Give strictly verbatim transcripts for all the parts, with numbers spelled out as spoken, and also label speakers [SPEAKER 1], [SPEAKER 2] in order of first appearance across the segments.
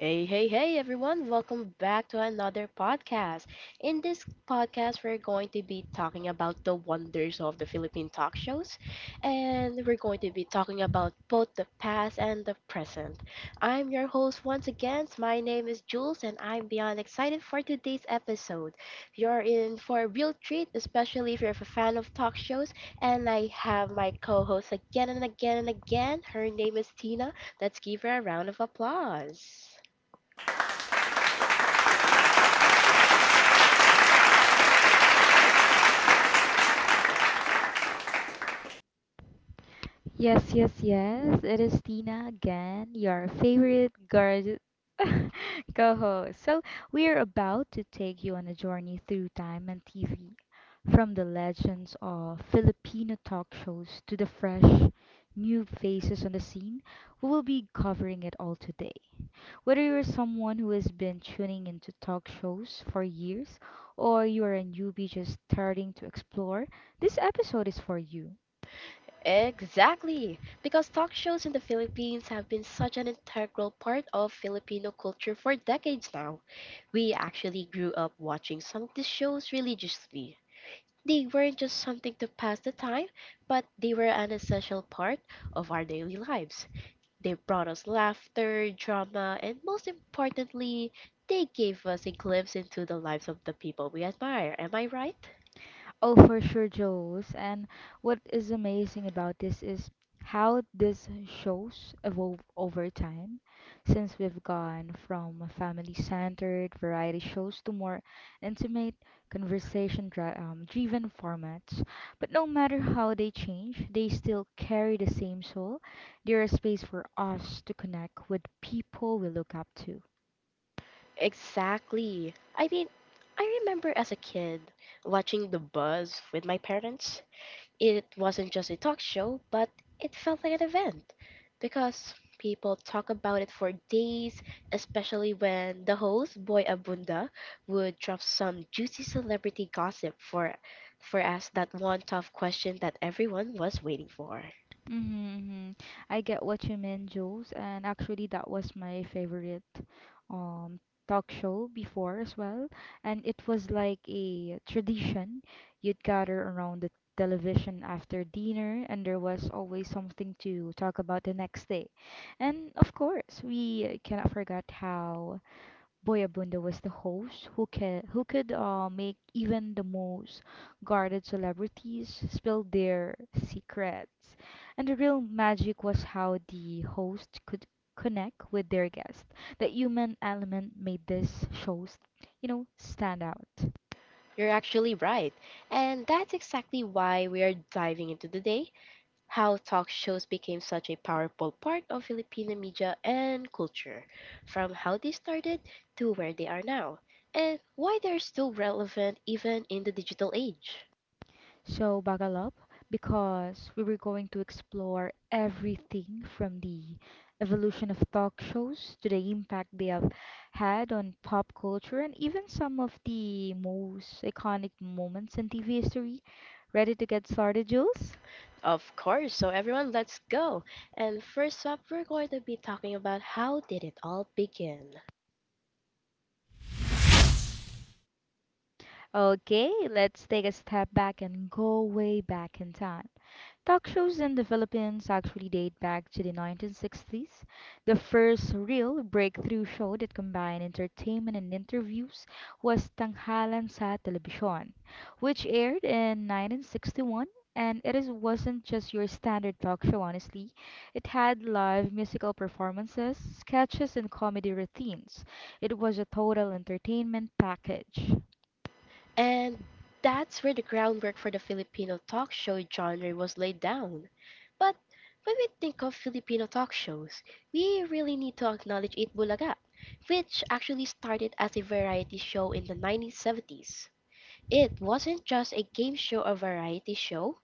[SPEAKER 1] Hey, hey, hey, everyone. Welcome back to another podcast. In this podcast, we're going to be talking about the wonders of the Philippine talk shows, and we're going to be talking about both the past and the present. I'm your host once again. My name is Jules, and I'm beyond excited for today's episode. You're in for a real treat, especially if you're a fan of talk shows, and I have my co host again and again and again. Her name is Tina. Let's give her a round of applause.
[SPEAKER 2] Yes, yes, yes. It is Tina again, your favorite gorgeous co-host. So, we are about to take you on a journey through time and T V, from the legends of Filipino talk shows to the fresh new faces on the scene. We will be covering it all today. Whether you're someone who has been tuning into talk shows for years or you are a newbie just starting to explore, this episode is for you.
[SPEAKER 1] Exactly, because talk shows in the Philippines have been such an integral part of Filipino culture for decades now. We actually grew up watching some of these shows religiously. They weren't just something to pass the time, but they were an essential part of our daily lives. They brought us laughter, drama, and most importantly, they gave us a glimpse into the lives of the people we admire. Am I right?
[SPEAKER 2] Oh, for sure, Jules. And what is amazing about this is how these shows evolve over time. Since we've gone from family-centered variety shows to more intimate, conversation-driven um, driven formats. But no matter how they change, they still carry the same soul. They're a space for us to connect with people we look up to.
[SPEAKER 1] Exactly. I mean, I remember as a kid watching The Buzz with my parents. It wasn't just a talk show, but it felt like an event because people talk about it for days, especially when the host, Boy Abunda, would drop some juicy celebrity gossip for for us that one tough question that everyone was waiting for.
[SPEAKER 2] Mm-hmm, mm-hmm. I get what you mean, Jules, and actually that was my favorite um talk show before as well, and it was like a tradition. You'd gather around the television after dinner, and there was always something to talk about the next day. And of course, we cannot forget how Boyabundo was the host who ca- who could uh, make even the most guarded celebrities spill their secrets. And the real magic was how the host could connect with their guests. The human element made this shows, you know, stand out.
[SPEAKER 1] You're actually right. And that's exactly why we are diving into today how talk shows became such a powerful part of Filipino media and culture, from how they started to where they are now, and why they're still relevant even in the digital age.
[SPEAKER 2] So, buckle up because we were going to explore everything from the evolution of talk shows to the impact they have had on pop culture and even some of the most iconic moments in T V history. Ready to get started, Jules?
[SPEAKER 1] Of course, so everyone, let's go. And first up, we're going to be talking about how did it all begin.
[SPEAKER 2] Okay, let's take a step back and go way back in time. Talk shows in the Philippines actually date back to the nineteen sixties. The first real breakthrough show that combined entertainment and interviews was Tanghalan sa Telebisyon, which aired in nineteen sixty-one. And it is, wasn't just your standard talk show, honestly. It had live musical performances, sketches, and comedy routines. It was a total entertainment package.
[SPEAKER 1] And that's where the groundwork for the Filipino talk show genre was laid down. But when we think of Filipino talk shows, we really need to acknowledge It Bulaga, which actually started as a variety show in the nineteen seventies. It wasn't just a game show or variety show,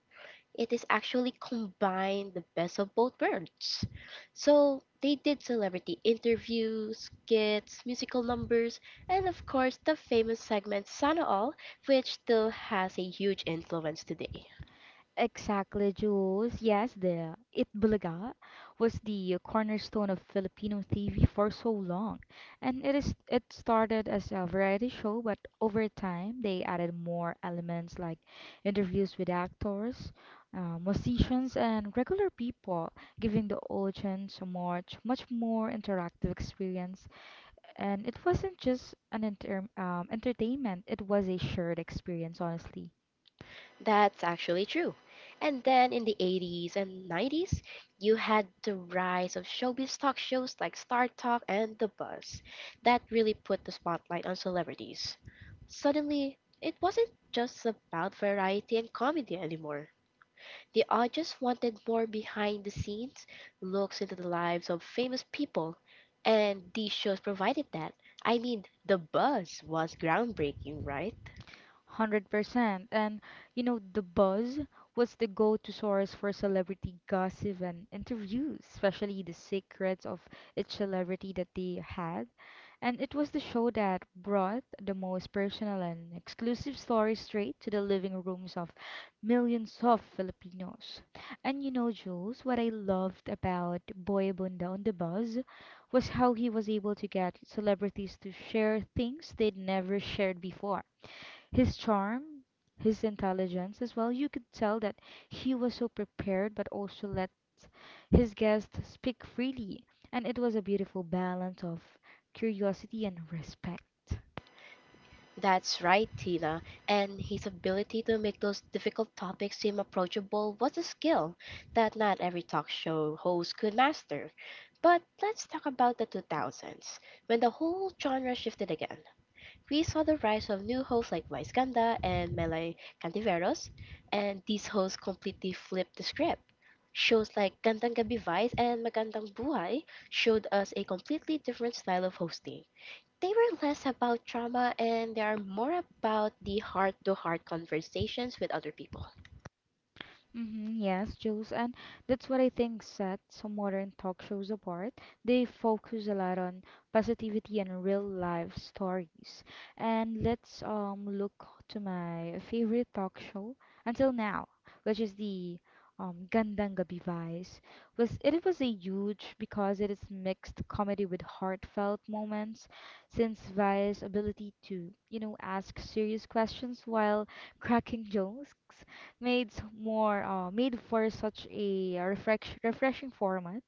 [SPEAKER 1] it is actually combine the best of both worlds. So they did celebrity interviews, skits, musical numbers, and of course the famous segment Sana All, which still has a huge influence today.
[SPEAKER 2] Exactly, Jules. Yes, the Itbulaga was the cornerstone of Filipino T V for so long, and it is it started as a variety show, but over time they added more elements like interviews with actors, uh, musicians, and regular people, giving the audience a much much more interactive experience. And it wasn't just an inter um, entertainment; it was a shared experience, honestly.
[SPEAKER 1] That's actually true. And then in the eighties and nineties, you had the rise of showbiz talk shows like Star Talk and The Buzz that really put the spotlight on celebrities. Suddenly, it wasn't just about variety and comedy anymore. The audience wanted more behind the scenes looks into the lives of famous people, and these shows provided that. I mean, The Buzz was groundbreaking, right?
[SPEAKER 2] one hundred percent. And you know, The Buzz was the go-to source for celebrity gossip and interviews, especially the secrets of each celebrity that they had. And it was the show that brought the most personal and exclusive stories straight to the living rooms of millions of Filipinos. And you know, Jules, what I loved about Boy Abunda on the Buzz was how he was able to get celebrities to share things they'd never shared before. His charm, his intelligence as well, you could tell that he was so prepared but also let his guest speak freely, and it was a beautiful balance of curiosity and respect.
[SPEAKER 1] That's right, Tina, and his ability to make those difficult topics seem approachable was a skill that not every talk show host could master. But let's talk about the two thousands, when the whole genre shifted again. We saw the rise of new hosts like Vice Ganda and Melay Cantiveros, and these hosts completely flipped the script. Shows like Gandang Gabi Vice and Magandang Buhay showed us a completely different style of hosting. They were less about trauma and they are more about the heart to heart conversations with other people.
[SPEAKER 2] Mm-hmm, yes, Jules, and that's what I think sets some modern talk shows apart. They focus a lot on positivity and real life stories. And let's um look to my favorite talk show until now, which is the um Gandang Gabi Vibes. Was it was a huge because it is mixed comedy with heartfelt moments, since Vi's ability to you know ask serious questions while cracking jokes made s- more uh, made for such a uh, refresh, refreshing format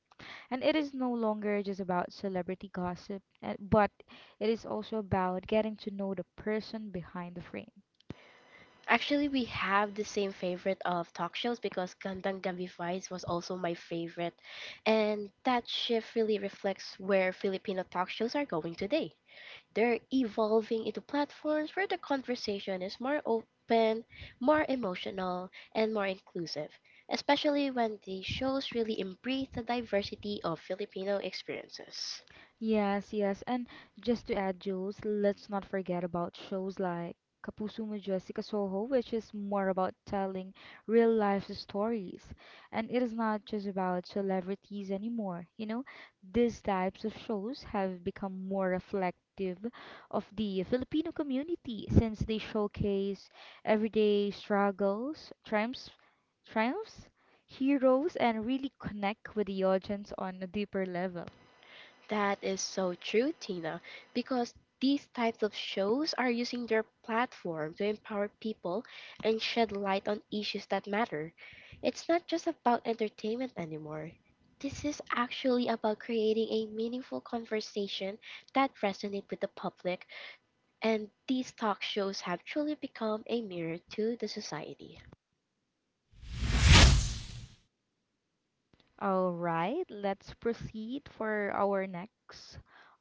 [SPEAKER 2] and it is no longer just about celebrity gossip uh, but it is also about getting to know the person behind the frame.
[SPEAKER 1] Actually, we have the same favorite of talk shows because Gandang Gabi Vice was also my favorite. And that shift really reflects where Filipino talk shows are going today. They're evolving into platforms where the conversation is more open, more emotional, and more inclusive, especially when the shows really embrace the diversity of Filipino experiences.
[SPEAKER 2] Yes, yes. And just to add, Jules, let's not forget about shows like Kapuso Mo Jessica Soho, which is more about telling real life stories. And it is not just about celebrities anymore. You know, these types of shows have become more reflective of the Filipino community since they showcase everyday struggles, triumphs, triumphs, heroes, and really connect with the audience on a deeper level.
[SPEAKER 1] That is so true, Tina, because these types of shows are using their platform to empower people and shed light on issues that matter. It's not just about entertainment anymore. This is actually about creating a meaningful conversation that resonates with the public, and these talk shows have truly become a mirror to the society.
[SPEAKER 2] All right, let's proceed for our next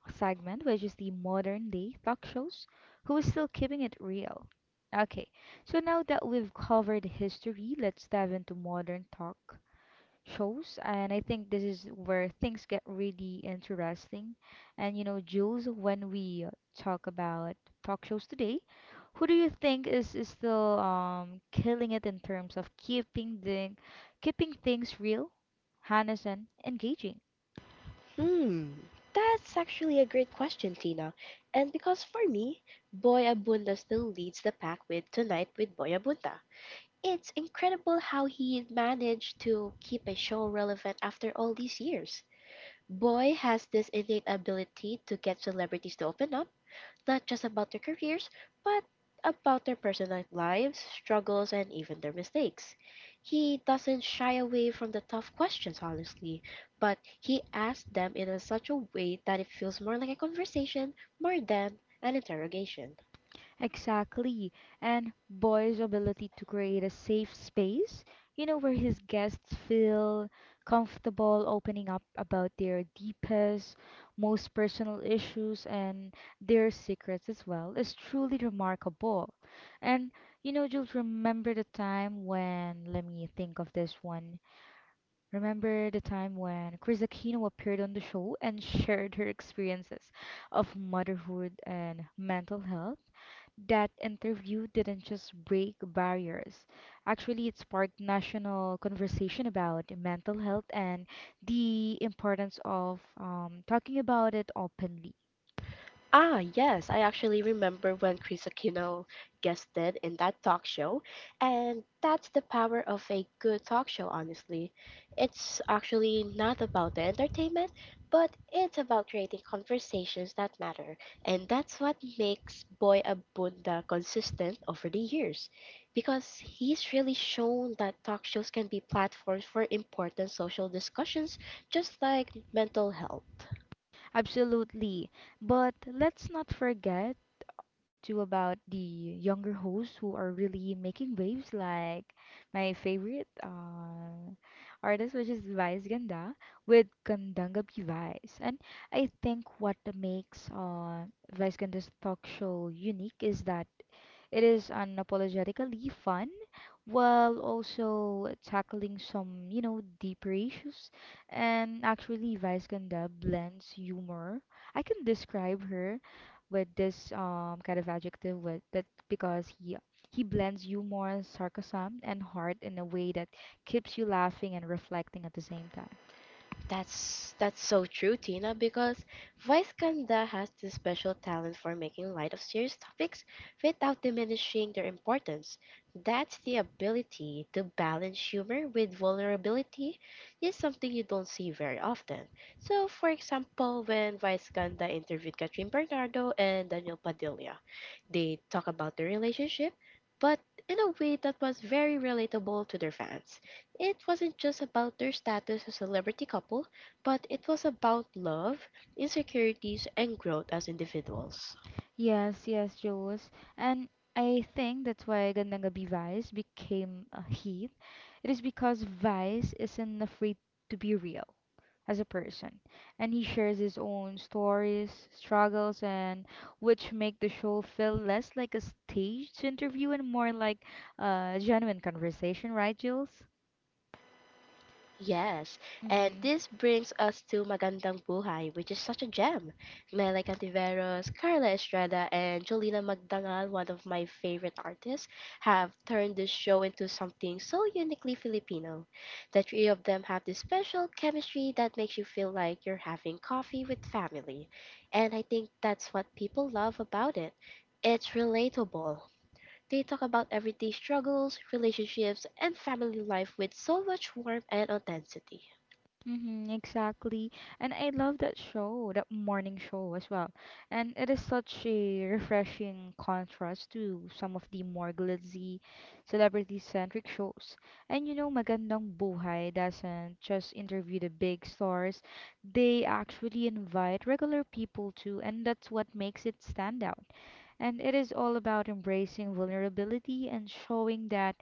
[SPEAKER 2] segment, which is the modern day talk shows. Who is still keeping it real? Okay, so now that we've covered history, let's dive into modern talk shows, and I think this is where things get really interesting. And you know Jules, when we talk about talk shows today, who do you think is, is still um, killing it in terms of keeping the keeping things real, honest and engaging.
[SPEAKER 1] Hmm, that's actually a great question, Tina. And because for me, Boy Abunda still leads the pack with Tonight with Boy Abunda. It's incredible how he managed to keep a show relevant after all these years. Boy has this innate ability to get celebrities to open up not just about their careers, but about their personal lives, struggles, and even their mistakes. He doesn't shy away from the tough questions, honestly, but he asks them in a such a way that it feels more like a conversation more than an interrogation.
[SPEAKER 2] Exactly. And Boy's ability to create a safe space, you know, where his guests feel comfortable opening up about their deepest, most personal issues and their secrets as well, is truly remarkable. And, you know, Jules, remember the time when, let me think of this one. Remember the time when Chris Aquino appeared on the show and shared her experiences of motherhood and mental health? That interview didn't just break barriers. Actually, it sparked national conversation about mental health and the importance of um, talking about it openly.
[SPEAKER 1] Ah, yes, I actually remember when Chris Aquino guested in that talk show, and that's the power of a good talk show, honestly. It's actually not about the entertainment, but it's about creating conversations that matter, and that's what makes Boy Abunda consistent over the years, because he's really shown that talk shows can be platforms for important social discussions, just like mental health.
[SPEAKER 2] Absolutely. But let's not forget to about the younger hosts who are really making waves, like my favorite uh, artist, which is Vice Ganda, with Gandanga P. Vice. And I think what makes uh, Vice Ganda's talk show unique is that it is unapologetically fun while also tackling some, you know, deeper issues. And actually, Vice Ganda blends humor. I can describe her with this um, kind of adjective with that because he he blends humor, sarcasm, and heart in a way that keeps you laughing and reflecting at the same time.
[SPEAKER 1] That's that's so true, Tina, because Vice Ganda has this special talent for making light of serious topics without diminishing their importance. That's the ability to balance humor with vulnerability is something you don't see very often. So, for example, when Vice Ganda interviewed Catherine Bernardo and Daniel Padilla, they talk about their relationship, but in a way that was very relatable to their fans. It wasn't just about their status as a celebrity couple, but it was about love, insecurities, and growth as individuals.
[SPEAKER 2] Yes, yes, Jules. And I think that's why Gandang Gabi Vice became a hit. It is because Vice isn't afraid to be real as a person. And he shares his own stories, struggles, and which make the show feel less like a staged interview and more like a genuine conversation, right, Jules?
[SPEAKER 1] Yes, and
[SPEAKER 2] Mm-hmm.
[SPEAKER 1] this brings us to Magandang Buhay, which is such a gem. Mela Cantiveros, Carla Estrada, and Jolina Magdangal, one of my favorite artists, have turned this show into something so uniquely Filipino. The three of them have this special chemistry that makes you feel like you're having coffee with family. And I think that's what people love about it. It's relatable, they talk about everyday struggles, relationships, and family life with so much warmth and authenticity.
[SPEAKER 2] Mm-hmm, exactly. And I love that show, that morning show as well. And it is such a refreshing contrast to some of the more glitzy, celebrity-centric shows. And you know, Magandang Buhay doesn't just interview the big stars, they actually invite regular people too, and that's what makes it stand out. And it is all about embracing vulnerability and showing that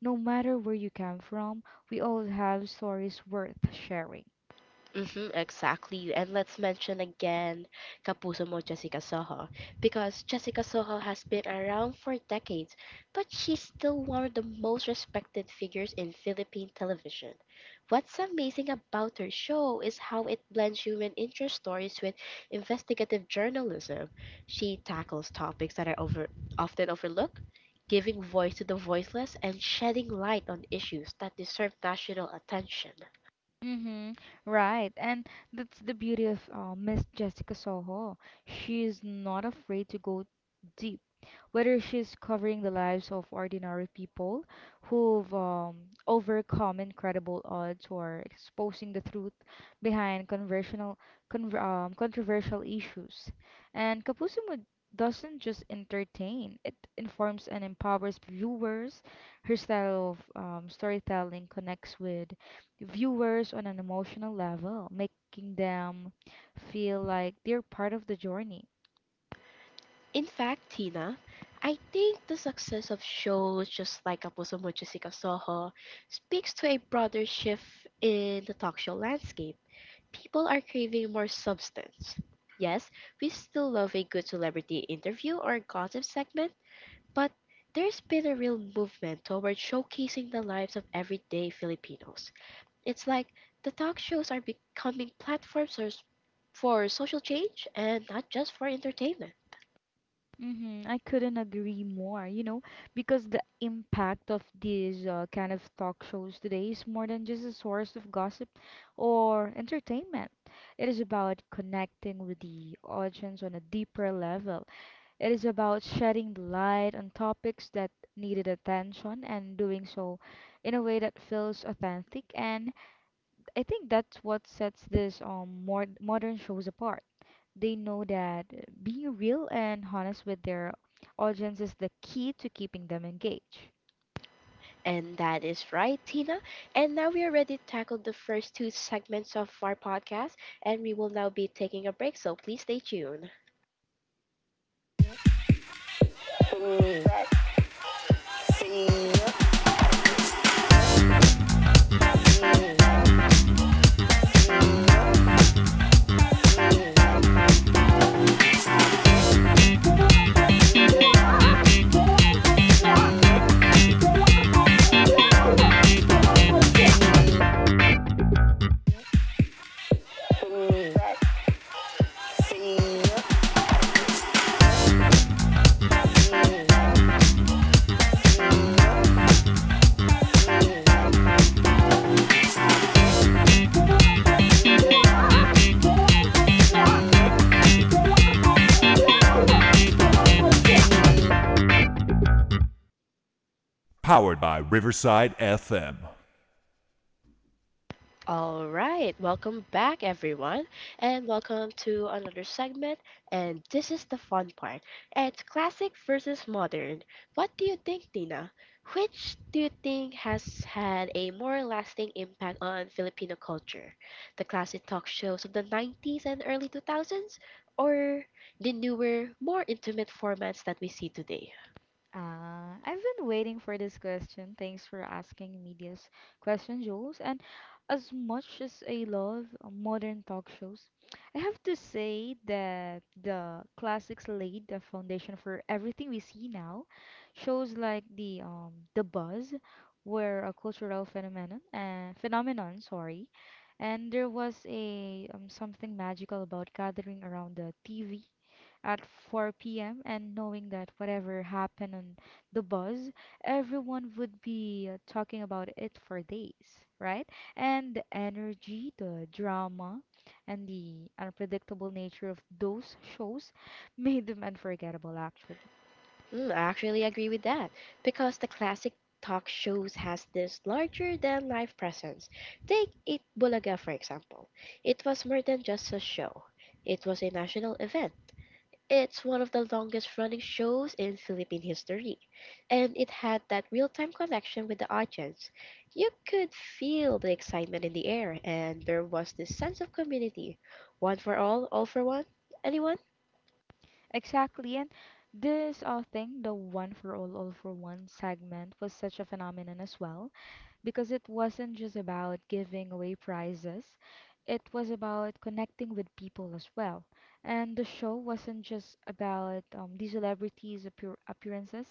[SPEAKER 2] no matter where you come from, we all have stories worth sharing.
[SPEAKER 1] Mm-hmm, exactly. And let's mention again Kapuso Mo Jessica Soho because Jessica Soho has been around for decades, but she's still one of the most respected figures in Philippine television. What's amazing about her show is how it blends human interest stories with investigative journalism. She tackles topics that are over often overlooked, giving voice to the voiceless and shedding light on issues that deserve national attention.
[SPEAKER 2] Mm-hmm. Right. And that's the beauty of uh, Miss Jessica Soho. She is not afraid to go deep, whether she's covering the lives of ordinary people who've um, overcome incredible odds or exposing the truth behind conversational, con- um, controversial issues. And Kapusimo doesn't just entertain, it informs and empowers viewers. Her style of um, storytelling connects with viewers on an emotional level, making them feel like they're part of the journey.
[SPEAKER 1] In fact, Tina, I think the success of shows just like Apusomo Jessica Soho speaks to a broader shift in the talk show landscape. People are craving more substance. Yes, we still love a good celebrity interview or gossip segment, but there's been a real movement toward showcasing the lives of everyday Filipinos. It's like the talk shows are becoming platforms or s- for social change and not just for entertainment.
[SPEAKER 2] Mm-hmm. I couldn't agree more, you know, because the impact of these uh, kind of talk shows today is more than just a source of gossip or entertainment. It is about connecting with the audience on a deeper level. It is about shedding the light on topics that needed attention and doing so in a way that feels authentic. And I think that's what sets this um more modern shows apart. They know that being real and honest with their audience is the key to keeping them engaged.
[SPEAKER 1] And that is right, Tina. And now we already tackled the first two segments of our podcast, and we will now be taking a break, so please stay tuned. All right, welcome back, everyone, and welcome to another segment. And this is the fun part. It's classic versus modern. What do you think, Tina? Which do you think has had a more lasting impact on Filipino culture? The classic talk shows of the nineties and early two thousands, or the newer, more intimate formats that we see today?
[SPEAKER 2] Uh, I've been waiting for this question. Thanks for asking me this question, Jules. And as much as I love modern talk shows, I have to say that the classics laid the foundation for everything we see now. Shows like the um The Buzz were a cultural phenomenon and phenomenon, sorry. And there was a um, something magical about gathering around the T V at four p m and knowing that whatever happened on the bus, everyone would be uh, talking about it for days, right? And the energy, the drama, and the unpredictable nature of those shows made them unforgettable, actually.
[SPEAKER 1] Mm, I actually agree with that because the classic talk shows has this larger than life presence. Take it Bulaga for example. It was more than just a show. It was a national event. It's one of the longest running shows in Philippine history, and it had that real-time connection with the audience. You could feel the excitement in the air, and there was this sense of community. One for all, all for one. Anyone?
[SPEAKER 2] Exactly. And this uh, thing, the one for all, all for one segment, was such a phenomenon as well because it wasn't just about giving away prizes, it was about connecting with people as well. And the show wasn't just about um, the celebrities' appear- appearances,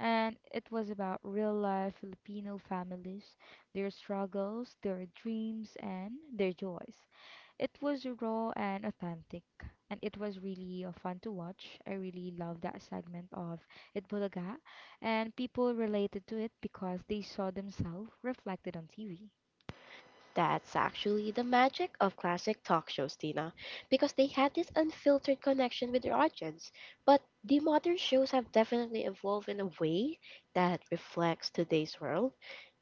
[SPEAKER 2] and it was about real life Filipino families, their struggles, their dreams, and their joys. It was raw and authentic, and it was really uh, fun to watch. I really love that segment of It Bulaga, and people related to it because they saw themselves reflected on T V.
[SPEAKER 1] That's actually the magic of classic talk shows, Tina, because they had this unfiltered connection with their audience. But the modern shows have definitely evolved in a way that reflects today's world,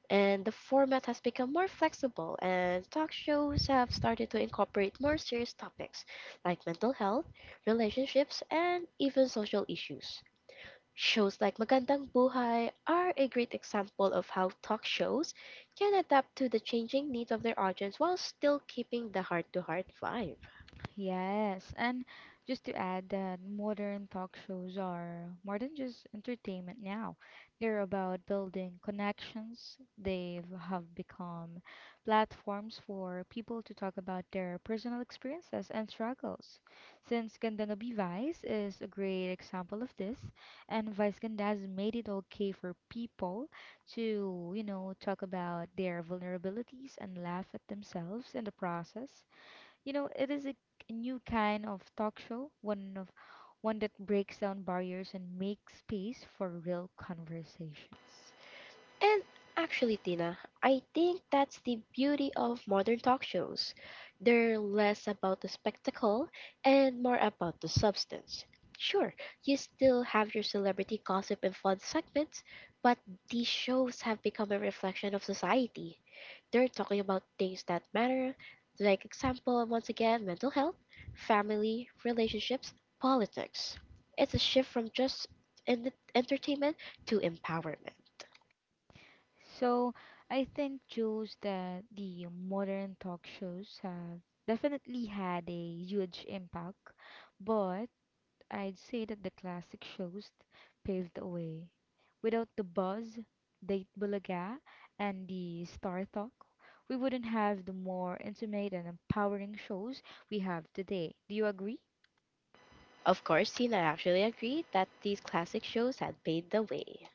[SPEAKER 1] and the format has become more flexible, and talk shows have started to incorporate more serious topics like mental health, relationships, and even social issues. Shows like Magandang Buhay are a great example of how talk shows can adapt to the changing needs of their audience while still keeping the heart to heart vibe.
[SPEAKER 2] Yes, and just to add that modern talk shows are more than just entertainment now. They're about building connections. They have become platforms for people to talk about their personal experiences and struggles. Since Ganda Ngabi Vice is a great example of this, and Vice Ganda has made it okay for people to, you know, talk about their vulnerabilities and laugh at themselves in the process. You know, it is a new kind of talk show, one of one that breaks down barriers and makes space for real conversations.
[SPEAKER 1] And actually, Tina, I think that's the beauty of modern talk shows. They're less about the spectacle and more about the substance. Sure, you still have your celebrity gossip and fun segments, but these shows have become a reflection of society. They're talking about things that matter, like example, once again, mental health, family, relationships, politics. It's a shift from just en- entertainment to empowerment.
[SPEAKER 2] So, I think Jules that the modern talk shows have definitely had a huge impact, but I'd say that the classic shows paved the way. Without the buzz, the bulaga, and the star talk, we wouldn't have the more intimate and empowering shows we have today. Do you agree?
[SPEAKER 1] Of course, Tina actually agreed that these classic shows had paved the way.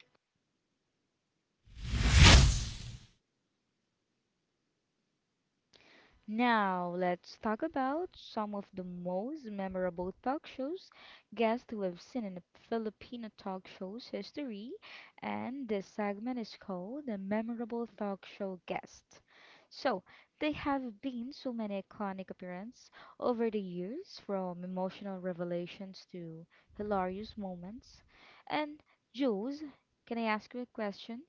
[SPEAKER 2] Now, let's talk about some of the most memorable talk shows guests who have seen in the Filipino talk shows history, and this segment is called the memorable talk show guest. So, there have been so many iconic appearances over the years, from emotional revelations to hilarious moments. And Jules, can I ask you a question?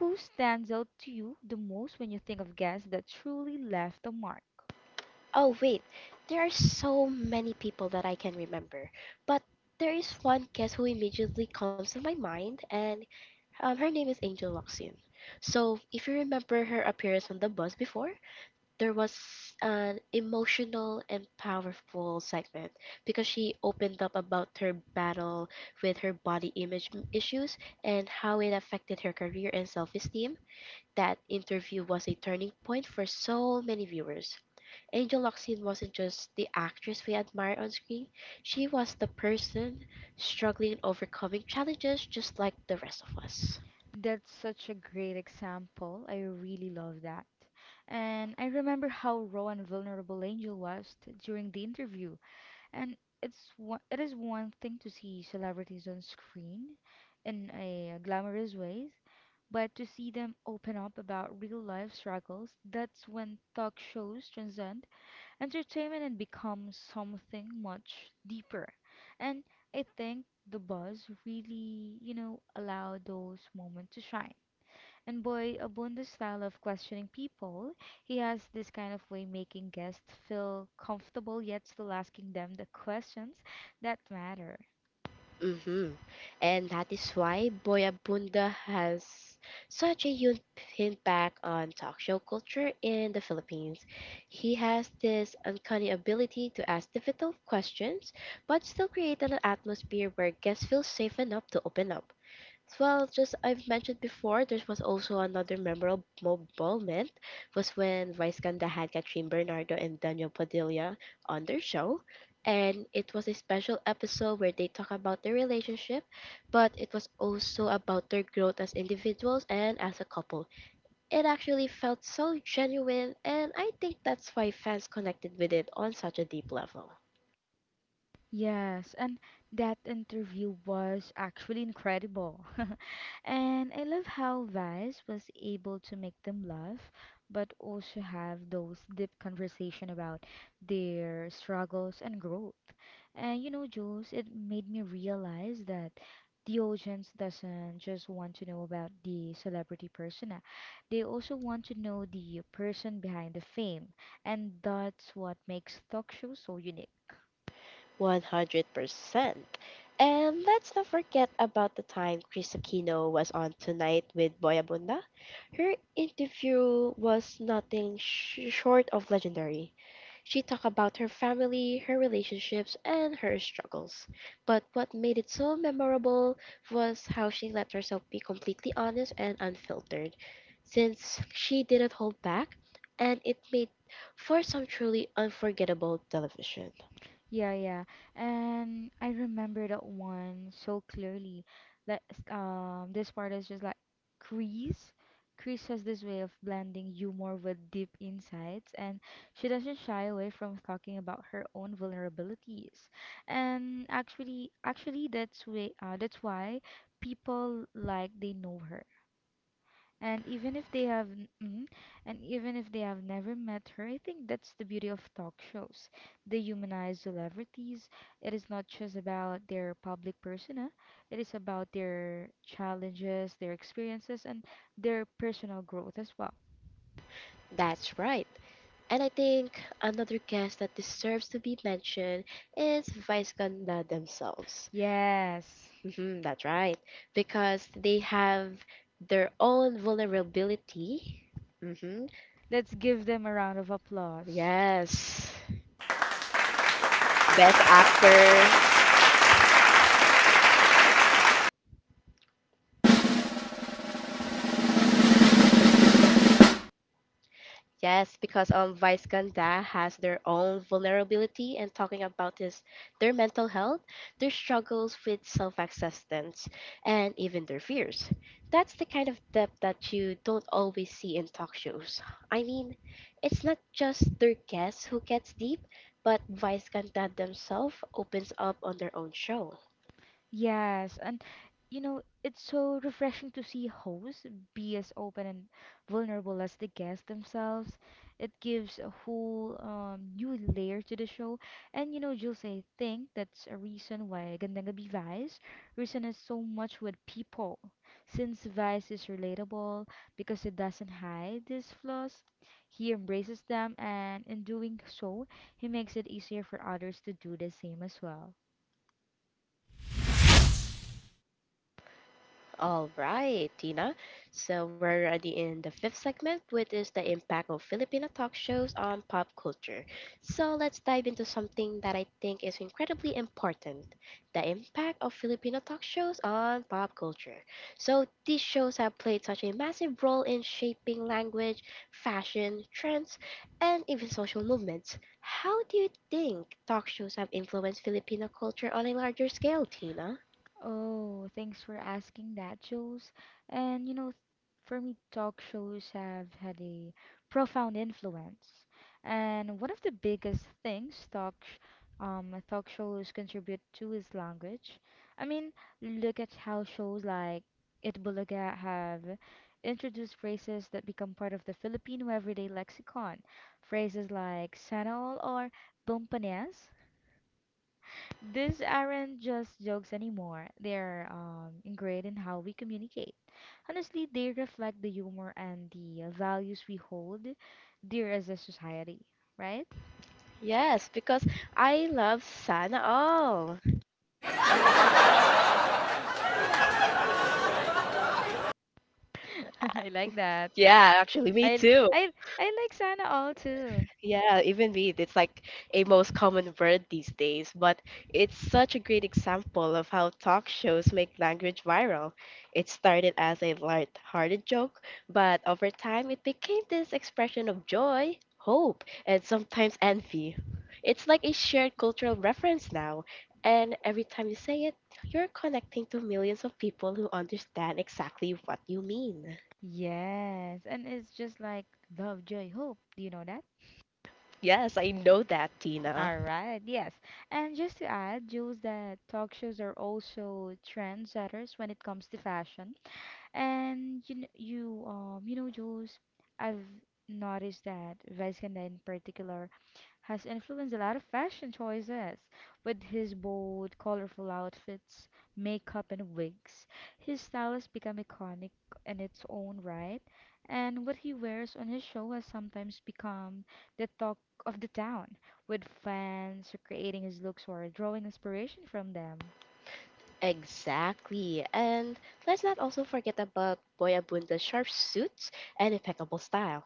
[SPEAKER 2] Who stands out to you the most when you think of guests that truly left a mark?
[SPEAKER 1] Oh, wait, there are so many people that I can remember, but there is one guest who immediately comes to my mind, and um, her name is Angel Locsin. So, if you remember her appearance on the Buzz before, there was an emotional and powerful segment because she opened up about her battle with her body image m- issues and how it affected her career and self esteem. That interview was a turning point for so many viewers. Angel Locsin wasn't just the actress we admire on screen, she was the person struggling and overcoming challenges just like the rest of us.
[SPEAKER 2] That's such a great example. I really love that. And I remember how raw and vulnerable Angel was t- during the interview. And it's one, it is one thing to see celebrities on screen in a glamorous ways, but to see them open up about real life struggles, that's when talk shows transcend entertainment and become something much deeper. And I think the buzz really, you know, allowed those moments to shine. And boy, Abunda's style of questioning people, he has this kind of way making guests feel comfortable yet still asking them the questions that matter.
[SPEAKER 1] hmm And that is why Boyabunda has such a huge impact on talk show culture in the Philippines. He has this uncanny ability to ask difficult questions but still create an atmosphere where guests feel safe enough to open up. Well, just I've mentioned before, there was also another memorable moment was when Vice Ganda had Catherine Bernardo and Daniel Padilla on their show. And it was a special episode where they talk about their relationship, but it was also about their growth as individuals and as a couple. It actually felt so genuine, and I think that's why fans connected with it on such a deep level.
[SPEAKER 2] Yes, and that interview was actually incredible. And I love how Vaz was able to make them laugh, but also have those deep conversation about their struggles and growth. And you know, Jules, it made me realize that the audience doesn't just want to know about the celebrity persona. They also want to know the person behind the fame, and that's what makes talk shows so unique.
[SPEAKER 1] one hundred percent. And let's not forget about the time Chris Aquino was on tonight with Boy Abunda. Her interview was nothing sh- short of legendary. She talked about her family, her relationships, and her struggles. But what made it so memorable was how she let herself be completely honest and unfiltered, since she didn't hold back, and it made for some truly unforgettable television.
[SPEAKER 2] Yeah, yeah. And I remember that one so clearly. That um this part is just like Chris. Chris has this way of blending humor with deep insights, and she doesn't shy away from talking about her own vulnerabilities. And actually actually that's way uh, that's why people like they know her, and even if they have n- mhm, and even if they have never met her, I think that's the beauty of talk shows. They humanize celebrities. It is not just about their public persona, it is about their challenges, their experiences, and their personal growth as well.
[SPEAKER 1] That's right. And I think another guest that deserves to be mentioned is Vice Ganda themselves.
[SPEAKER 2] Yes,
[SPEAKER 1] Mhm. That's right. Because they have their own vulnerability. Hmm.
[SPEAKER 2] let's give them a round of applause.
[SPEAKER 1] Yes. Best actor. Yes, because um Vice Ganda has their own vulnerability and talking about this their mental health, their struggles with self-acceptance, and even their fears. That's the kind of depth that you don't always see in talk shows. I mean, it's not just their guests who gets deep, but Vice Ganda themselves opens up on their own show.
[SPEAKER 2] Yes, and you know, it's so refreshing to see hosts be as open and vulnerable as the guests themselves. It gives a whole um, new layer to the show. And you know, Jules, I think that's a reason why Gandang Gabi Vice resonates so much with people. Since Vice is relatable, because it doesn't hide his flaws, he embraces them, and in doing so, he makes it easier for others to do the same as well.
[SPEAKER 1] All right, Tina. So we're already in the fifth segment, which is the impact of Filipino talk shows on pop culture. So let's dive into something that I think is incredibly important, the impact of Filipino talk shows on pop culture. So these shows have played such a massive role in shaping language, fashion, trends, and even social movements. How do you think talk shows have influenced Filipino culture on a larger scale, Tina?
[SPEAKER 2] Oh, thanks for asking that, Jules. And you know, th- for me, talk shows have had a profound influence. And one of the biggest things talk sh- um talk shows contribute to is language. I mean, look at how shows like It Bulaga have introduced phrases that become part of the Filipino everyday lexicon. Phrases like sanol or bumpanes, these aren't just jokes anymore. They're um, ingrained in how we communicate. Honestly, they reflect the humor and the uh, values we hold dear as a society, right?
[SPEAKER 1] Yes, because I love Sana all.
[SPEAKER 2] I like that.
[SPEAKER 1] Yeah, actually, me
[SPEAKER 2] I
[SPEAKER 1] too.
[SPEAKER 2] I I like Sana all too.
[SPEAKER 1] Yeah, even me, it's like a most common word these days, but it's such a great example of how talk shows make language viral. It started as a light-hearted joke, but over time it became this expression of joy, hope, and sometimes envy. It's like a shared cultural reference now, and every time you say it, you're connecting to millions of people who understand exactly what you mean.
[SPEAKER 2] Yes, and it's just like love, joy, hope. Do you know that?
[SPEAKER 1] Yes, I know that, Tina.
[SPEAKER 2] All right, yes. And just to add, Jules, that talk shows are also trendsetters when it comes to fashion. And you, kn- you um you know Jules, I've noticed that Vizcanda in particular has influenced a lot of fashion choices with his bold, colorful outfits, makeup, and wigs. His style has become iconic in its own right, and what he wears on his show has sometimes become the talk of the town, with fans creating his looks or drawing inspiration from them.
[SPEAKER 1] Exactly. And let's not also forget about Boyabunda's sharp suits and impeccable style.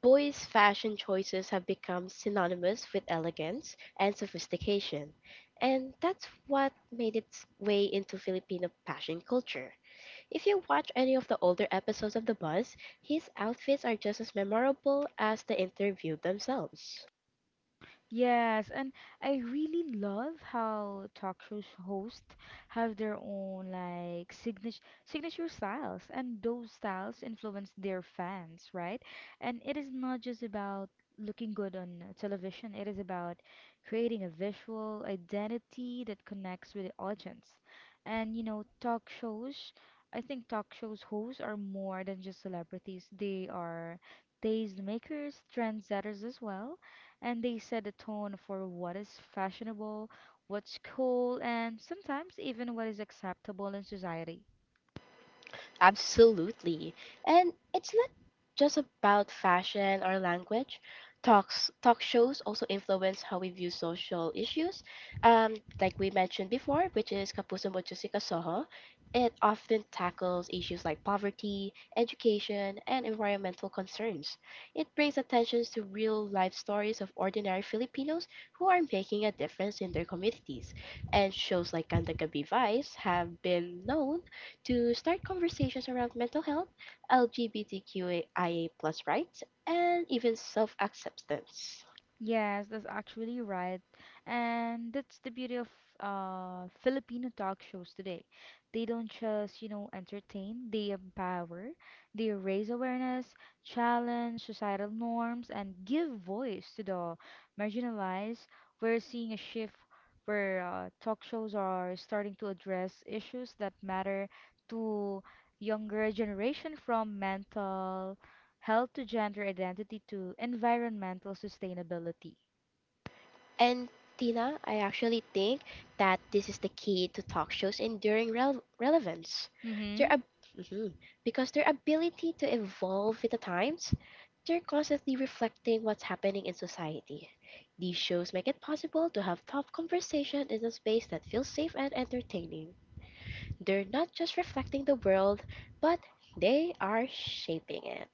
[SPEAKER 1] Boy's fashion choices have become synonymous with elegance and sophistication, and that's what made its way into Filipino fashion culture. If you watch any of the older episodes of The Buzz, his outfits are just as memorable as the interview themselves.
[SPEAKER 2] Yes, and I really love how talk show hosts have their own like signature signature styles, and those styles influence their fans, right? And it is not just about looking good on uh, television, it is about creating a visual identity that connects with the audience. And you know, talk shows, I think talk shows hosts are more than just celebrities. They are taste makers, trendsetters as well, and they set the tone for what is fashionable, what's cool, and sometimes even what is acceptable in society.
[SPEAKER 1] Absolutely. And it's not just about fashion or language. Talks talk shows also influence how we view social issues. Um, like we mentioned before, which is Kapuso Mochusika Soho, it often tackles issues like poverty, education, and environmental concerns. It brings attention to real life stories of ordinary Filipinos who are making a difference in their communities. And shows like Ganda Gabi Vice have been known to start conversations around mental health, LGBTQIA plus rights, and even self acceptance.
[SPEAKER 2] Yes, that's actually right. And that's the beauty of uh, Filipino talk shows today. They don't just, you know, entertain, they empower, they raise awareness, challenge societal norms, and give voice to the marginalized. We're seeing a shift where uh, talk shows are starting to address issues that matter to younger generation, from mental health to gender identity to environmental sustainability.
[SPEAKER 1] And Tina, I actually think that this is the key to talk shows' enduring rel- relevance. Their
[SPEAKER 2] Mm-hmm.
[SPEAKER 1] ab- Mhm. Because their ability to evolve with the times, they're constantly reflecting what's happening in society. These shows make it possible to have tough conversation in a space that feels safe and entertaining. They're not just reflecting the world, but they are shaping it.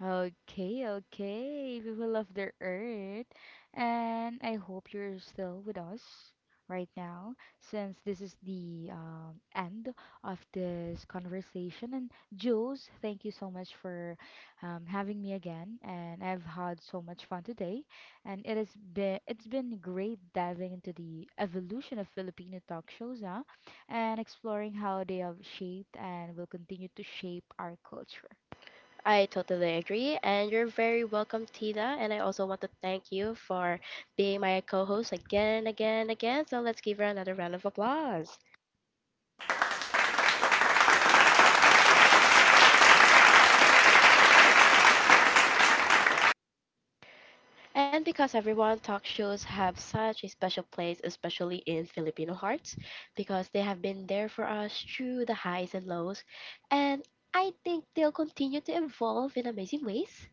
[SPEAKER 2] Okay, okay, people of the earth. And I hope you're still with us right now, since this is the um, end of this conversation. And Jules, thank you so much for um, having me again. And I've had so much fun today. And it has been it's been great diving into the evolution of Filipino talk shows, huh? And exploring how they have shaped and will continue to shape our culture.
[SPEAKER 1] I totally agree, and you're very welcome, Tina. And I also want to thank you for being my co host again and again and again. So let's give her another round of applause. And because everyone talk shows have such a special place, especially in Filipino hearts, because they have been there for us through the highs and lows, and I think they'll continue to evolve in amazing ways.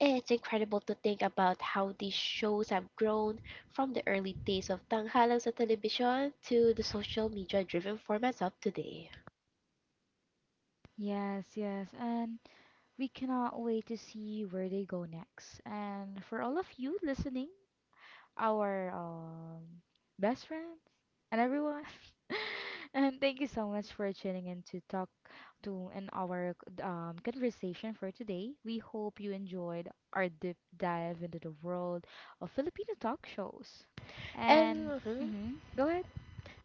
[SPEAKER 1] It's incredible to think about how these shows have grown from the early days of tanghalang sa television to the social media driven formats of today.
[SPEAKER 2] Yes, yes, and we cannot wait to see where they go next. And for all of you listening, our um, best friends and everyone, and thank you so much for tuning in to talk to in our um, conversation for today. We hope you enjoyed our deep dive into the world of Filipino talk shows. And
[SPEAKER 1] And mhm.
[SPEAKER 2] mm-hmm, go ahead.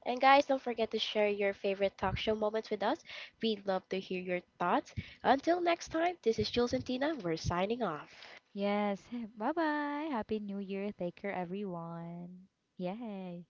[SPEAKER 1] And guys, don't forget to share your favorite talk show moments with us. We'd love to hear your thoughts. Until next time, this is Jules and Tina. We're signing off.
[SPEAKER 2] Yes, bye bye. Happy New Year. Take care, everyone. Yay.